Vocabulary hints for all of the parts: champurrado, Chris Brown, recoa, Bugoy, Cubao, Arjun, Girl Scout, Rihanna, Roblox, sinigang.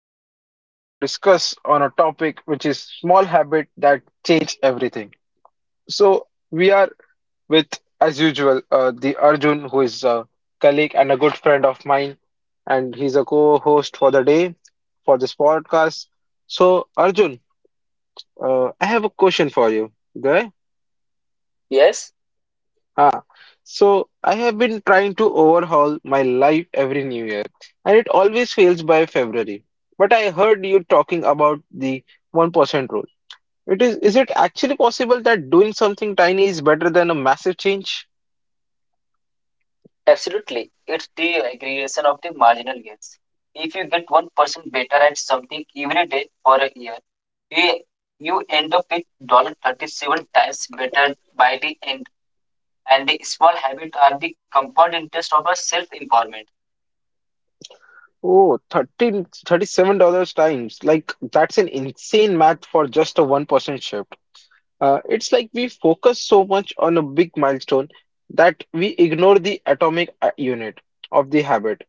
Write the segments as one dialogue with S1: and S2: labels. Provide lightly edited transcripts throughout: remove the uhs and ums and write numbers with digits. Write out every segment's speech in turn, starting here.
S1: today we are going to discuss on a topic which is small habit that change everything. So, we are with, as usual, the Arjun, who is a colleague and a good friend of mine, and he's a co-host for the day for this podcast. So, Arjun, I have a question for you. Go.
S2: Yes,
S1: Ah, so I have been trying to overhaul my life every new year, and it always fails by February. But I heard you talking about the 1% rule. Is it actually possible that doing something tiny is better than a massive change?
S2: absolutely. It's the aggregation of the marginal gains. If you get 1% better at something every day for a year, you, you end up with 37 times better by the end. And the small habits are the compound interest of our self-empowerment.
S1: Oh, 13, $37 times. Like, that's an insane math for just a 1% shift. It's like we focus so much on a big milestone that we ignore the atomic unit of the habit,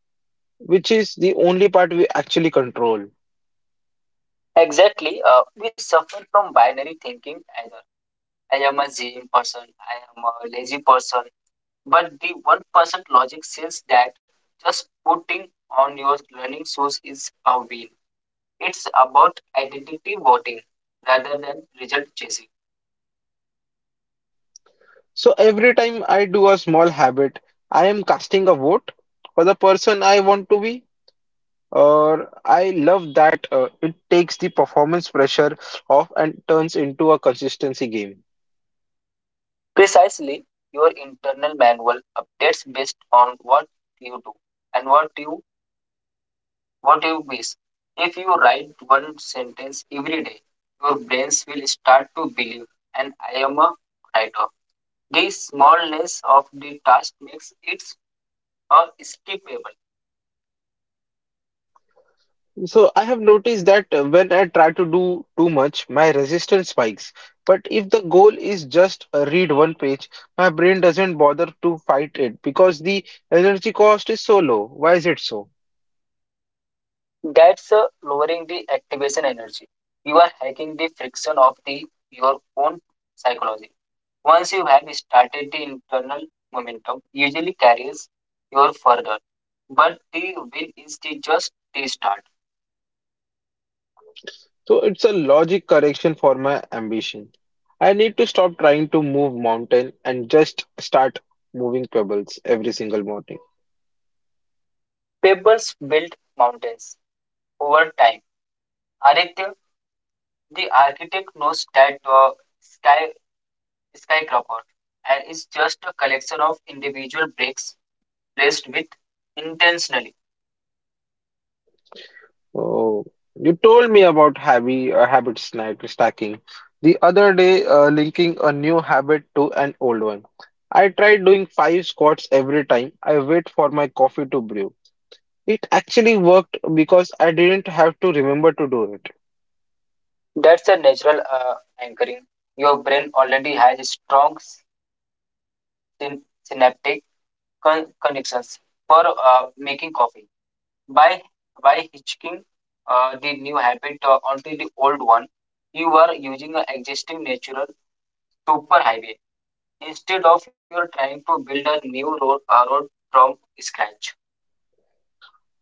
S1: which is the only part we actually control.
S2: Exactly. We suffer from binary thinking either. I am a gym person, I am a lazy person. But the 1% logic says that just putting on your learning shoes is a win. It's about identity voting rather than result chasing.
S1: So every time I do a small habit, I am casting a vote for the person I want to be, or I love that it takes the performance pressure off and turns into a consistency game.
S2: Precisely, your internal manual updates based on what you do and what you miss. If you write one sentence every day, your brains will start to believe, and I am a writer. The smallness of the task makes it skippable.
S1: So I have noticed that when I try to do too much, my resistance spikes. But if the goal is just read one page, my brain doesn't bother to fight it because the energy cost is so low. Why is it so?
S2: That's lowering the activation energy. You are hacking the friction of the your own psychology. Once you have started the internal momentum, usually carries you further. But the will is the just the start.
S1: So it's a logic correction for my ambition. I need to stop trying to move mountain and just start moving pebbles every single morning.
S2: Pebbles build mountains over time. Aditya, the architect knows that sky skyscraper and is just a collection of individual bricks placed with intentionally.
S1: Oh, you told me about habit snack stacking the other day, linking a new habit to an old one. I tried doing 5 squats every time I wait for my coffee to brew. It actually worked because I didn't have to remember to do it.
S2: That's a natural anchoring. Your brain already has strong synaptic connections for making coffee. By by hitching the new habit onto the old one, you are using an existing natural superhighway instead of you're trying to build a new road, road from scratch.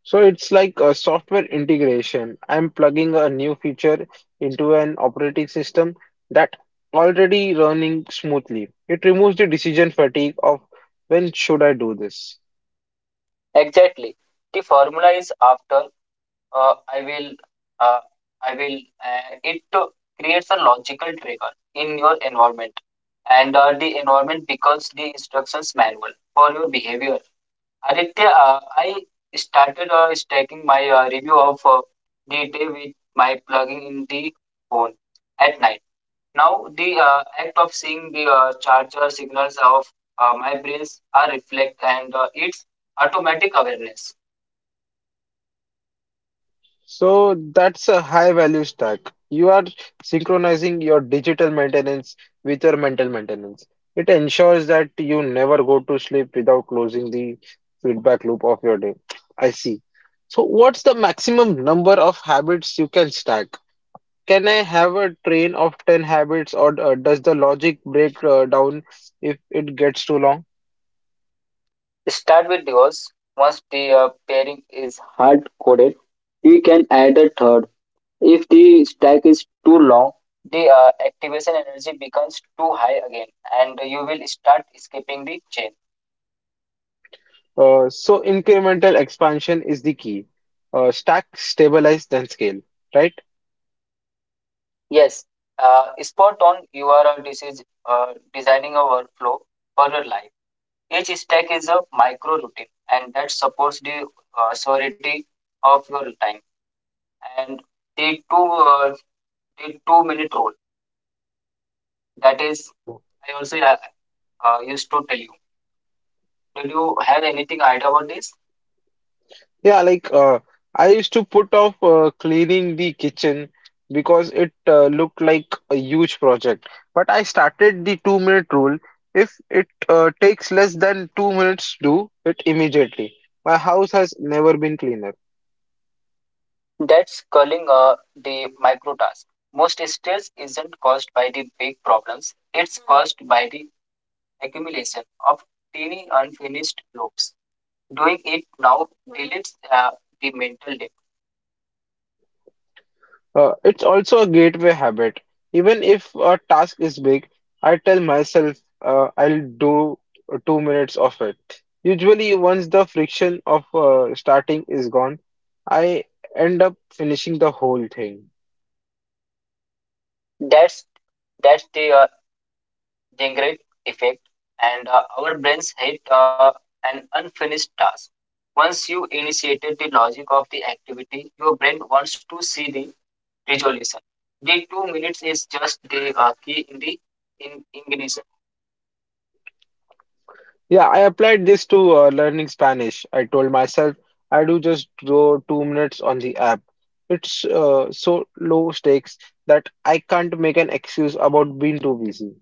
S1: So it's like a software integration. I'm plugging a new feature into an operating system that already running smoothly. It removes the decision fatigue of when should I do this.
S2: Exactly. The formula is after I will, uh, I will. It to creates a logical trigger in your environment, and the environment becomes the instructions manual for your behavior. Aditya, I started stacking my review of the day with my plugging in the phone at night. Now, the act of seeing the charger signals of my brains are reflect and its automatic awareness.
S1: So that's a high value stack. You are synchronizing your digital maintenance with your mental maintenance. It ensures that you never go to sleep without closing the feedback loop of your day. I see. So what's the maximum number of habits you can stack? Can I have a train of 10 habits, or does the logic break down if it gets too long?
S2: Start with duos. Once the pairing is hard coded, we can add a third. If the stack is too long, the activation energy becomes too high again and you will start skipping the chain.
S1: So, incremental expansion is the key. Stack, stabilize, then scale, right?
S2: Yes, spot on. You are this is designing a workflow for your life. Each stack is a micro routine and that supports the surety of your time. And the 2 minute rule that is
S1: Oh,
S2: I also used to tell you. Did you have anything idea about this?
S1: yeah, like I used to put off cleaning the kitchen because it looked like a huge project. But I started the 2 minute rule. If it takes less than 2 minutes, do it immediately. My house has never been cleaner.
S2: That's calling the micro task. Most stress isn't caused by the big problems, it's caused by the accumulation of tiny unfinished loops. Doing it now deletes the mental debt.
S1: It's also a gateway habit. Even if a task is big, I tell myself I'll do 2 minutes of it. Usually, once the friction of starting is gone, I end up finishing the whole thing.
S2: That's that's the Jengrid effect, and our brains hate an unfinished task. Once you initiated the logic of the activity, your brain wants to see the resolution. The 2 minutes is just the key in the in ignition.
S1: Yeah, I applied this to learning Spanish. I told myself I do just draw 2 minutes on the app. It's so low stakes that I can't make an excuse about being too busy.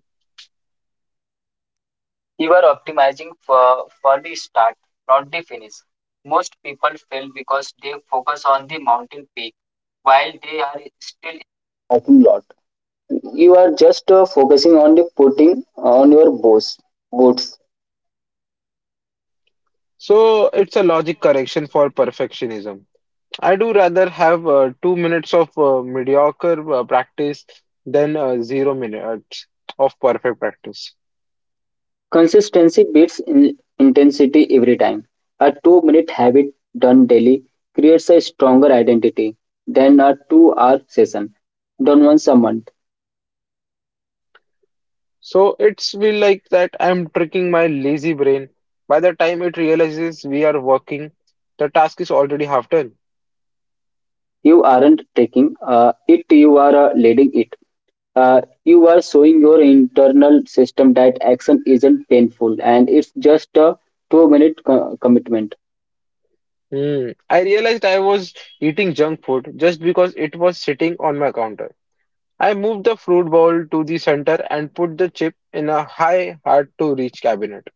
S2: You are optimizing for the start, not the finish. Most people fail because they focus on the mountain peak while they are still in the parking lot. You are just focusing on the putting on your boots.
S1: So it's a logic correction for perfectionism. I do rather have 2 minutes of mediocre practice than 0 minutes of perfect practice.
S2: Consistency beats intensity every time. A 2 minute habit done daily creates a stronger identity than a 2 hour session done once a month.
S1: So it's feel like that I'm tricking my lazy brain. By the time it realizes we are working, the task is already half done.
S2: You aren't taking you are leading it. You are showing your internal system that action isn't painful and it's just a 2 minute commitment.
S1: Hmm. I realized I was eating junk food just because it was sitting on my counter. I moved the fruit bowl to the center and put the chip in a high hard to reach cabinet.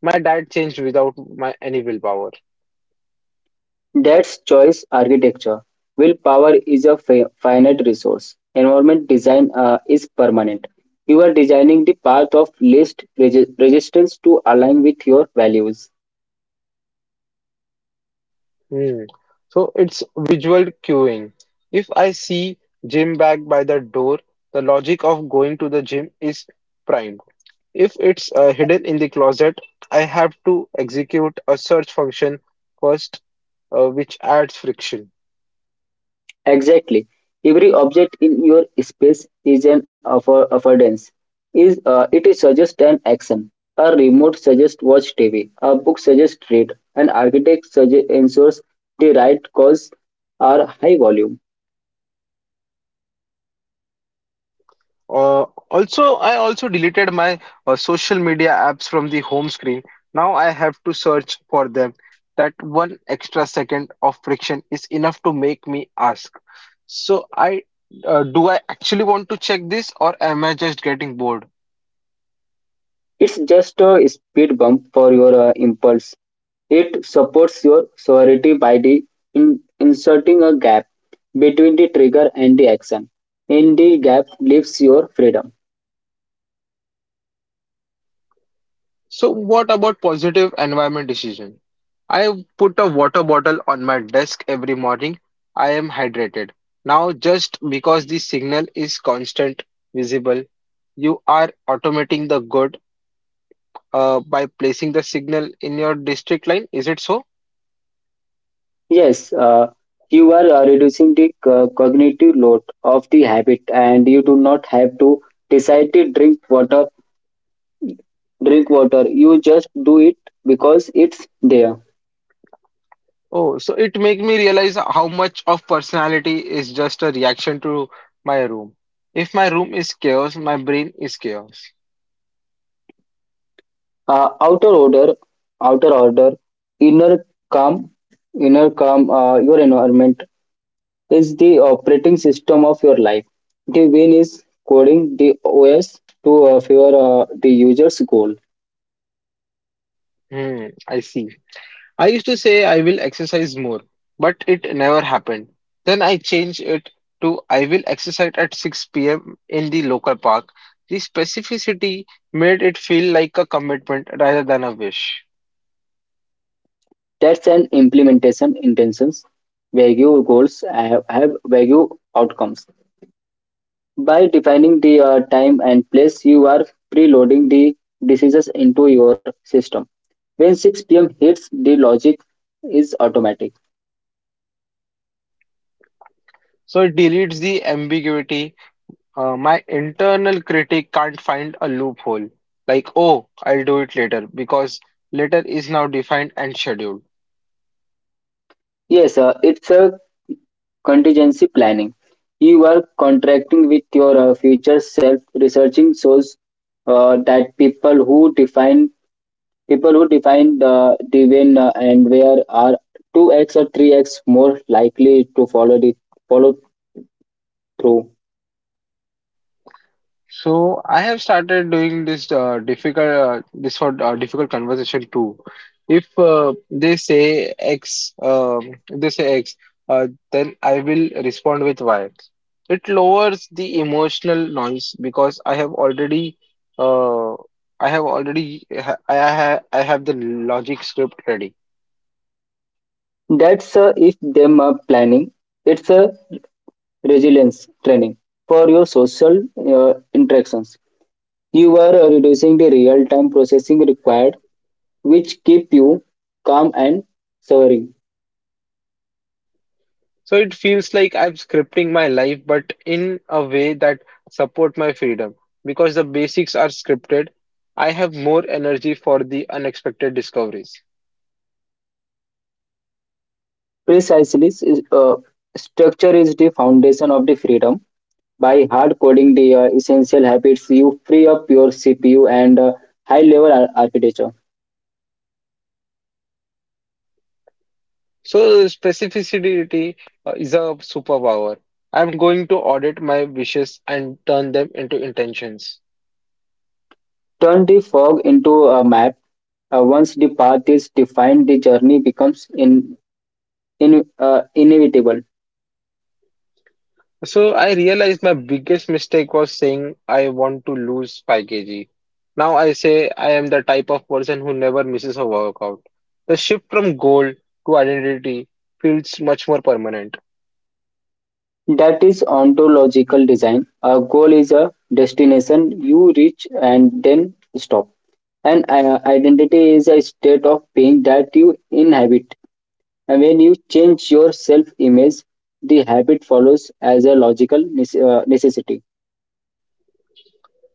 S1: My diet changed without my any willpower.
S2: That's choice architecture. Willpower is a finite resource. Environment design is permanent. You are designing the path of least resistance to align with your values.
S1: Hmm. So it's visual cueing. If I see gym bag by the door, the logic of going to the gym is primed. If it's hidden in the closet, I have to execute a search function first, which adds friction.
S2: Exactly. Every object in your space is an affordance. Is it suggests an action. A remote suggests watch TV. A book suggests read. An architect suggests ensures the right cause are high volume.
S1: Uh, also, I also deleted my social media apps from the home screen. Now I have to search for them. That one extra second of friction is enough to make me ask. So I do I actually want to check this, or am I just getting bored?
S2: It's just a speed bump for your impulse. It supports your sobriety by the inserting a gap between the trigger and the action. In the gap leaves your freedom.
S1: So what about positive environment decision? I put a water bottle on my desk every morning. I am hydrated. Now, just because the signal is constant, visible, you are automating the good by placing the signal in your district line. Is it so?
S2: Yes, you are reducing the cognitive load of the habit, and you do not have to decide to drink water. Drink water. You just do it because it's there.
S1: Oh, so it make me realize how much of personality is just a reaction to my room. If my room is chaos, my brain is chaos.
S2: Uh, outer order, outer order, inner calm, inner calm. Your environment is the operating system of your life. The win is coding the OS to favor the user's goal.
S1: Hmm, I see. I used to say I will exercise more, but it never happened. Then I changed it to I will exercise at 6 p.m. in the local park. The specificity made it feel like a commitment rather than a wish.
S2: That's an implementation intentions. Vague goals have vague outcomes. By defining the time and place, you are preloading the decisions into your system. When 6 p.m. hits, the logic is automatic.
S1: So it deletes the ambiguity. My internal critic can't find a loophole. Like, oh, I'll do it later because later is now defined and scheduled.
S2: Yes, sir. It's a contingency planning. You are contracting with your future self. Researching shows that people who define the divine and where are two x or three x more likely to follow through.
S1: So I have started doing this for difficult conversation too. If uh, they say X, um, if they say X, then I will respond with Y. It lowers the emotional noise because uh, I have I have the logic script ready.
S2: That's if them are planning. It's a resilience training for your social interactions. You are reducing the real time processing required which keep you calm and soaring.
S1: So it feels like I'm scripting my life, but in a way that support my freedom. Because the basics are scripted, I have more energy for the unexpected discoveries.
S2: Precisely, structure is the foundation of the freedom. By hard coding the essential habits, you free up your CPU and high level architecture.
S1: So specificity is a superpower. I'm going to audit my wishes and turn them into intentions.
S2: Turn the fog into a map. Once the path is defined, the journey becomes inevitable.
S1: So I realized my biggest mistake was saying I want to lose 5 kg. Now I say I am the type of person who never misses a workout. The shift from goal to identity feels much more permanent.
S2: That is ontological design. A goal is a destination you reach and then stop. An identity is a state of being that you inhabit. And when you change your self image, the habit follows as a logical necessity.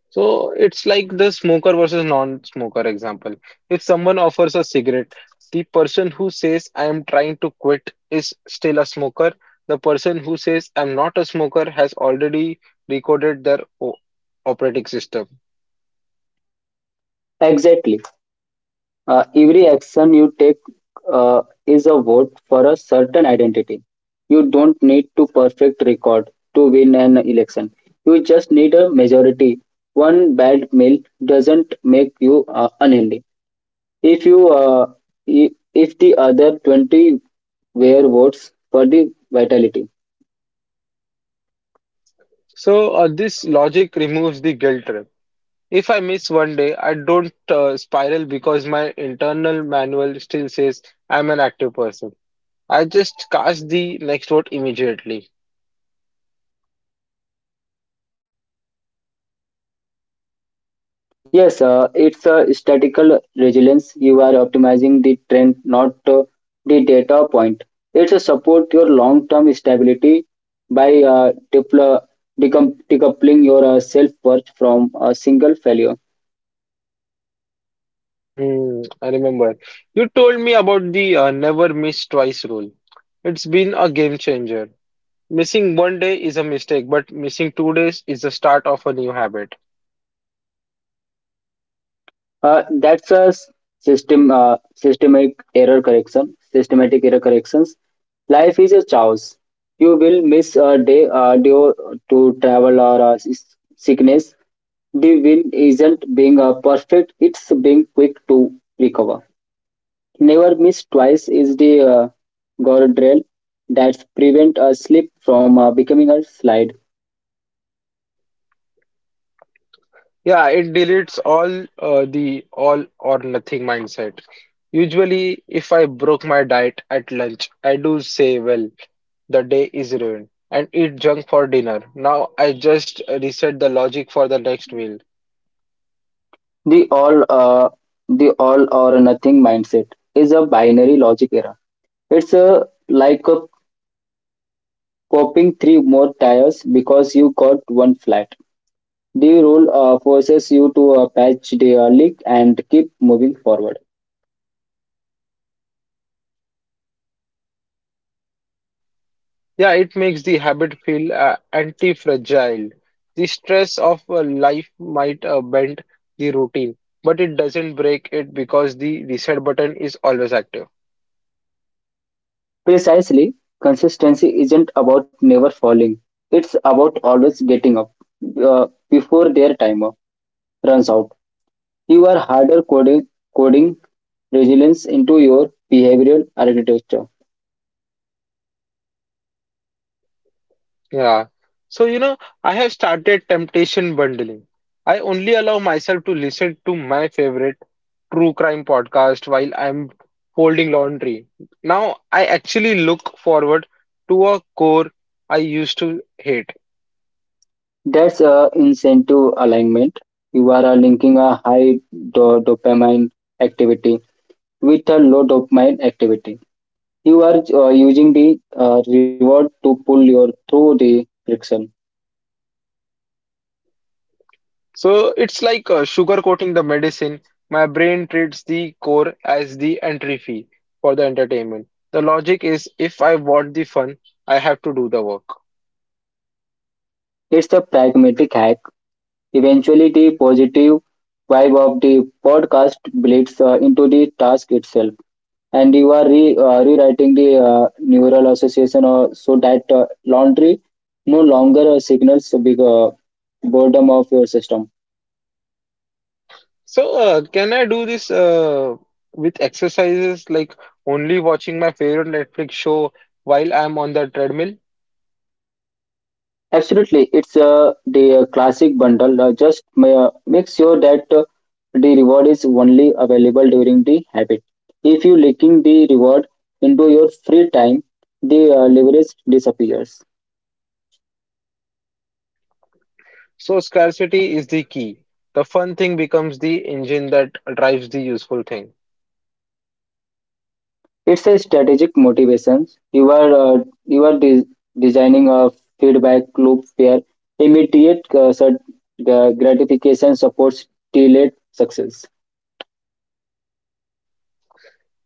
S1: So it's like the smoker versus non-smoker example. If someone offers a cigarette, the person who says I am trying to quit is still a smoker. The person who says I'm not a smoker has already recorded their operating system.
S2: Exactly. Every action you take is a vote for a certain identity. You don't need to perfect record to win an election. You just need a majority. One bad meal doesn't make you unhealthy. If you i- if the other 20 were votes for the vitality.
S1: So, this logic removes the guilt trip. If I miss one day, I don't spiral because my internal manual still says I'm an active person. I just cast the next vote immediately.
S2: Yes, it's a statistical resilience. You are optimizing the trend, not the data point. It's a support your long-term stability by decoupling your self-worth from a single failure.
S1: Hmm, I remember. You told me about the never miss twice rule. It's been a game changer. Missing one day is a mistake, but missing two days is the start of a new habit.
S2: That's a s- system systemic error correction. Systematic error corrections. Life is a chaos. You will miss a day due to travel or sickness. The win isn't being perfect; it's being quick to recover. Never miss twice is the guardrail that prevent a slip from becoming a slide.
S1: Yeah, it deletes all the all or nothing mindset. Usually, if I broke my diet at lunch, I do say, well, the day is ruined and eat junk for dinner. Now I just reset the logic for the next meal.
S2: The all uh, the all or nothing mindset is a binary logic error. It's a like a popping three more tires because you got one flat. The rule forces you to patch the leak and keep moving forward.
S1: Yeah, it makes the habit feel anti-fragile. The stress of life might bend the routine, but it doesn't break it because the reset button is always active.
S2: Precisely, consistency isn't about never falling. It's about always getting up before their timer runs out. You are harder coding coding resilience into your behavioral architecture.
S1: Yeah. So, you know, I have started temptation bundling. I only allow myself to listen to my favorite true crime podcast while I'm folding laundry. Now I actually look forward to a core I used to hate.
S2: That's incentive alignment. You are linking a high dopamine activity with a lot of mind activity. You are using the reward to pull you through the friction.
S1: So it's like sugar coating the medicine. My brain treats the core as the entry fee for the entertainment. The logic is if I want the fun, I have to do the work.
S2: It's a pragmatic hack. Eventually, the positive vibe of the podcast bleeds into the task itself, and you are rewriting the neural association so that laundry no longer signals big boredom of your system.
S1: So, can I do this with exercises like only watching my favorite Netflix show while I'm on the treadmill?
S2: Absolutely, it's the classic bundle. Just make sure that the reward is only available during the habit. If you linking the reward into your free time, the leverage disappears.
S1: So, scarcity is the key. The fun thing becomes the engine that drives the useful thing.
S2: It's a strategic motivation. You are designing a feedback loop where immediate gratification supports delayed success.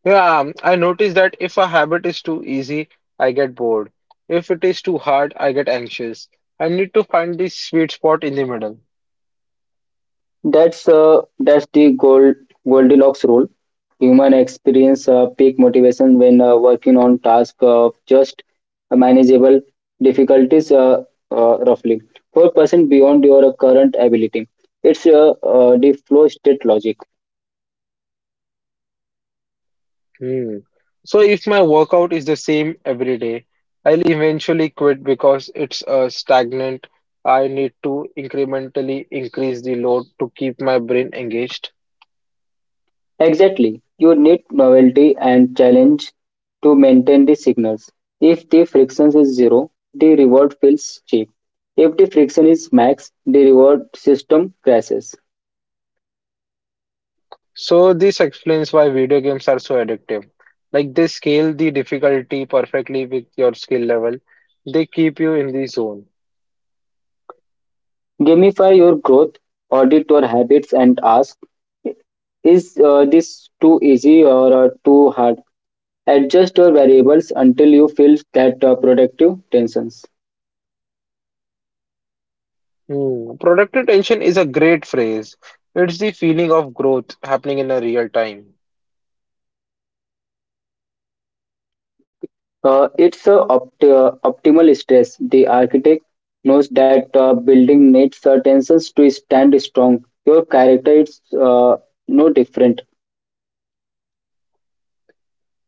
S1: Yeah, I notice that if a habit is too easy, I get bored. If it is too hard, I get anxious. I need to find the sweet spot in the middle.
S2: That's the Goldilocks rule. Human experience peak motivation when working on task of just manageable difficulties, roughly 4% beyond your current ability. It's the flow state logic.
S1: Hmm. So if my workout is the same every day, I'll eventually quit because it's stagnant. I need to incrementally increase the load to keep my brain engaged.
S2: Exactly, you need novelty and challenge to maintain the signals. If the friction is zero, the reward feels cheap. If the friction is max, the reward system crashes.
S1: So this explains why video games are so addictive. Like they scale the difficulty perfectly with your skill level. They keep you in the zone.
S2: Gamify your growth, audit your habits, and ask, is this too easy or too hard? Adjust your variables until you feel that productive tensions.
S1: Hmm. Productive tension is a great phrase. It's the feeling of growth happening in a real time.
S2: It's optimal stress. The architect knows that building needs tensions to stand strong. Your character is no different.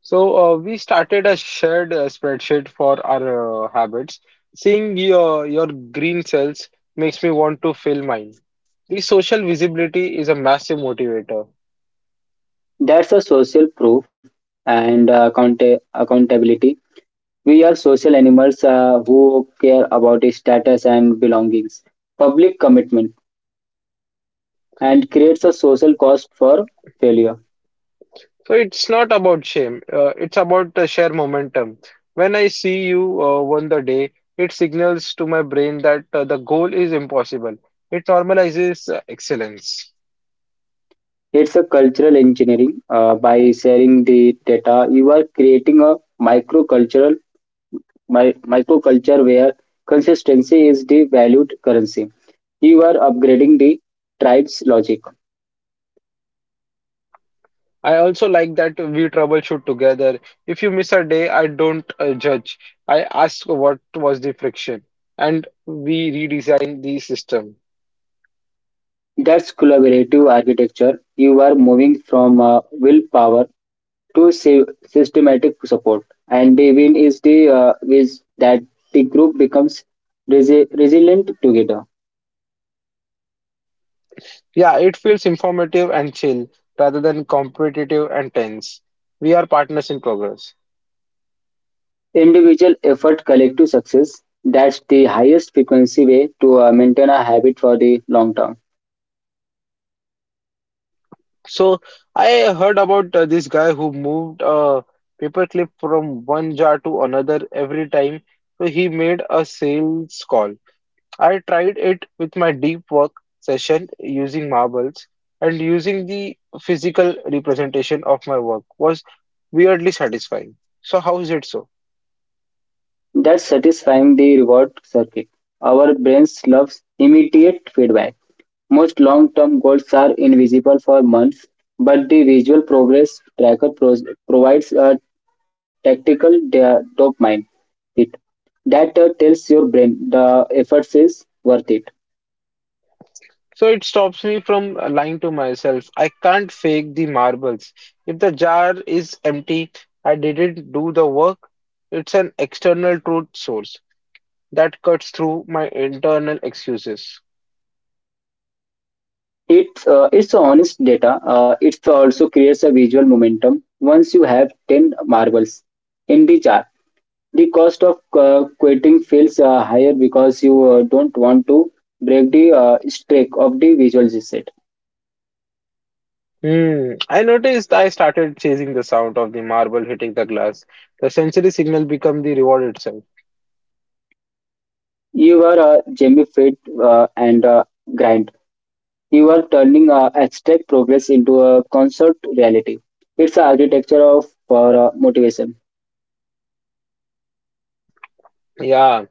S1: So we started a shared spreadsheet for our habits. Seeing your green cells makes me want to fill mine. The social visibility is a massive motivator.
S2: That's a social proof and accountability. We are social animals who care about status and belongings. Public commitment and creates a
S1: So,
S2: social cost for failure.
S1: so it's not about shame. It's about share momentum. When I see you won the day, it signals to my brain that the goal is impossible. It normalizes excellence.
S2: It's a cultural engineering. By sharing the data, you are creating a microculture where consistency is the valued currency. You are upgrading the tribe's logic.
S1: I also like that we troubleshoot together. If you miss a day, I don't judge. I ask what was the friction, and we redesign the system.
S2: That's collaborative architecture. You are moving from willpower to systematic support. And the win is the is that the group becomes resilient together.
S1: Yeah, it feels informative and chill rather than competitive and tense. We are partners in progress.
S2: Individual effort, collective success. That's the highest frequency way to maintain a habit for the long term.
S1: So I heard about this guy who moved a paperclip from one jar to another every time he made a sales call. I tried it with my deep work session using marbles, and using the physical representation of my work was weirdly satisfying. So how is it so?
S2: That's satisfying the reward circuit. Our brains loves immediate feedback. Most long-term goals are invisible for months, but the visual progress tracker provides a tactical dopamine hit. That tells your brain the effort is worth it.
S1: So it stops me from lying to myself. I can't fake the marbles. If the jar is empty, I didn't do the work. It's an external truth source that cuts through my internal excuses.
S2: It's honest data. It also creates a visual momentum. Once you have ten marbles in the jar, the cost of quitting feels higher because you don't want to break the streak of the visual reset.
S1: Hmm. I noticed I started chasing the sound of the marble hitting the glass. The sensory signal become the reward itself.
S2: You are gamified and grind. You are turning abstract progress into a concert reality. It's the architecture of for motivation.
S1: Yeah.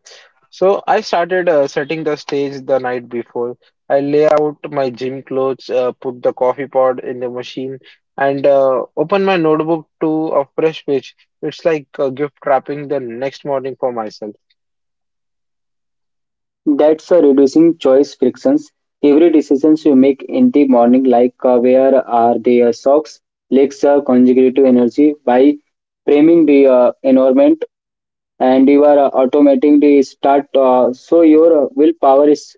S1: So I started setting the stage the night before. I lay out my gym clothes, put the coffee pot in the machine, and open my notebook to a fresh page. It's like gift wrapping the next morning for myself.
S2: That's a reducing choice frictions. Every decisions you make in the morning, like where are the socks, lacks consecutive energy by framing the environment, and you are automating the start. So your willpower is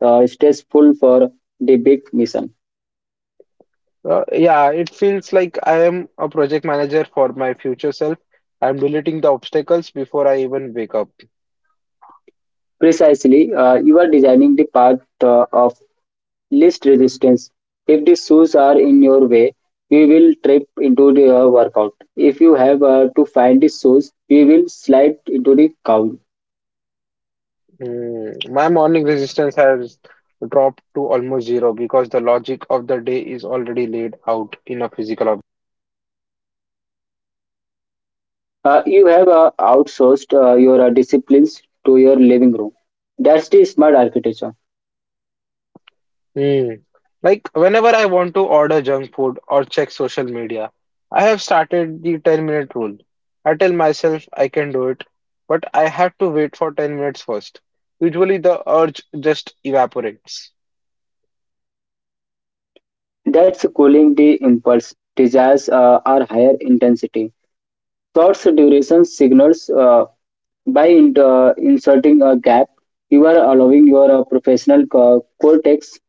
S2: stays full for the big mission.
S1: Yeah, it feels like I am a project manager for my future self. I'm deleting the obstacles before I even wake up.
S2: Precisely, you are designing the path of least resistance. If the shoes are in your way, you will trip into the workout. If you have to find the shoes, you will slide into the crowd.
S1: Mm, my morning resistance has dropped to almost zero because the logic of the day is already laid out in a physical object.
S2: You have outsourced your disciplines to your living room. That's the smart architecture.
S1: Mm. Like whenever I want to order junk food or check social media, I have started the 10-minute rule. I tell myself I can do it, but I have to wait for 10 minutes first. Usually the urge just evaporates.
S2: That's cooling the impulse. Desires are higher intensity. Thoughts duration signals by inserting a gap. You are allowing your professional cortex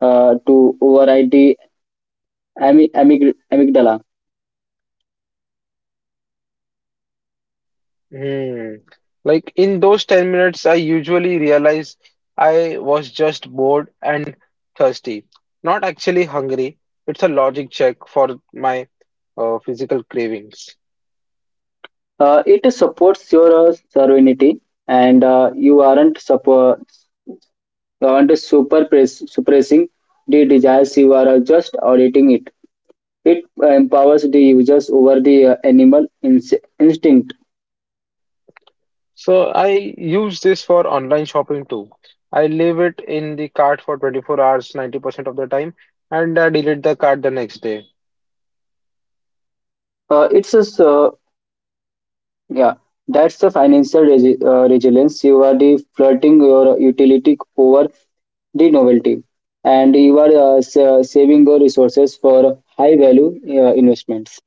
S2: to override the amygdala.
S1: Hmm. Like in those 10 minutes, I usually realize I was just bored and thirsty, not actually hungry. It's a logic check for my physical cravings.
S2: It supports your serenity, and you aren't suppressing the desires. You are just auditing it. It empowers the users over the animal instinct.
S1: So I use this for online shopping too. I leave it in the cart for 24 hours, 90% of the time, and I delete the cart the next day.
S2: Uh, it's a s- uh, so, yeah. That's the financial resilience. You are the flirting your utility over the novelty, and you are saving your resources for high value investments.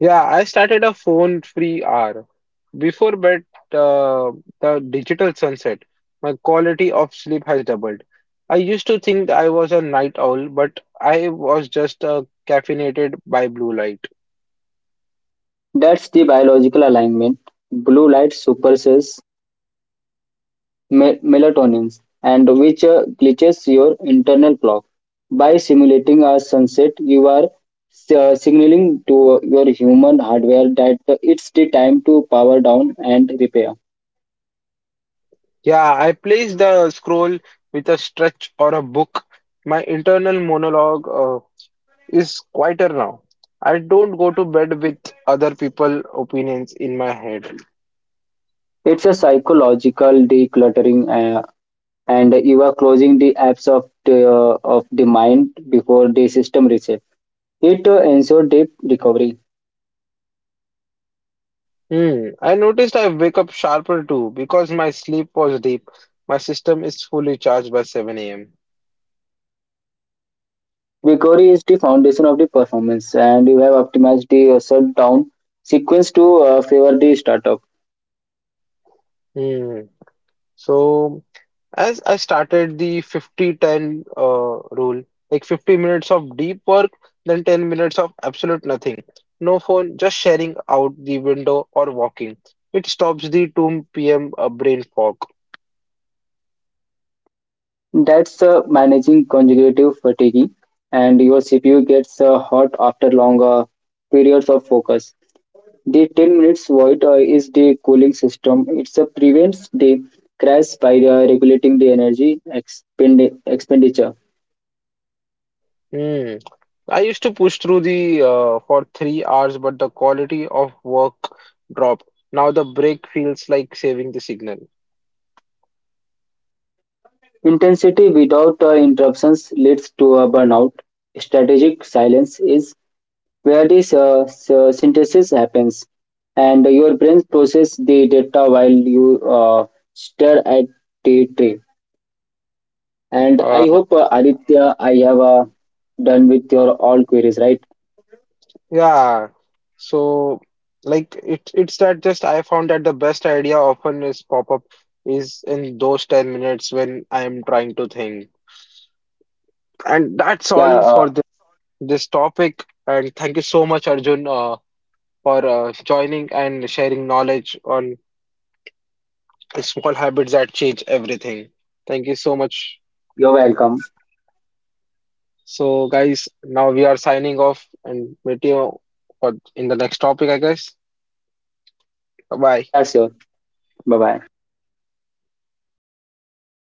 S1: Yeah, I started a phone-free hour before bed, uh, the digital sunset. My quality of sleep has doubled. I used to think I was a night owl, but I was just caffeinated by blue light.
S2: That's the biological alignment. Blue light suppresses melatonin and which glitches your internal clock. By simulating a sunset, you are signaling to your human hardware that it's the time to power down and repair.
S1: Yeah, I place the scroll with a stretch or a book. My internal monologue is quieter now. I don't go to bed with other people's opinions in my head.
S2: It's a psychological decluttering, uh, and you are closing the apps of the mind before the system reset. It ensures deep recovery.
S1: Hmm. I noticed I wake up sharper too because my sleep was deep. My system is fully charged by 7 a.m.
S2: Recovery is the foundation of the performance and you have optimized the shutdown sequence to favor the startup.
S1: Hmm. So as I started the 50-10 rule, like 50 minutes of deep work, then 10 minutes of absolute nothing. No phone, just sharing out the window or walking. It stops the 2 p.m. Brain fog.
S2: That's managing conjugative fatigue and your CPU gets hot after longer periods of focus. The 10 minutes void is the cooling system. It prevents the crash by regulating the energy expenditure.
S1: Hmm. I used to push through the for 3 hours, but the quality of work dropped. Now the break feels like saving the signal.
S2: Intensity without interruptions leads to a burnout. Strategic silence is where this synthesis happens and your brain process the data while you uh, stare at the tree. And I hope
S1: Uh,
S2: Aditya, I have done with your all queries, right?
S1: yeah. So it's that just I found that the best idea often is pop up is in those 10 minutes when I am trying to think. And that's
S2: Yeah
S1: all for the this topic. And thank you so much, Arjun, for joining and sharing knowledge on small habits that change everything. Thank you so much
S2: you're
S1: for
S2: welcome.
S1: your help. So, guys, now we are signing off and meet you for in the next topic, I guess. Bye.
S2: Yeah, sure. Bye bye.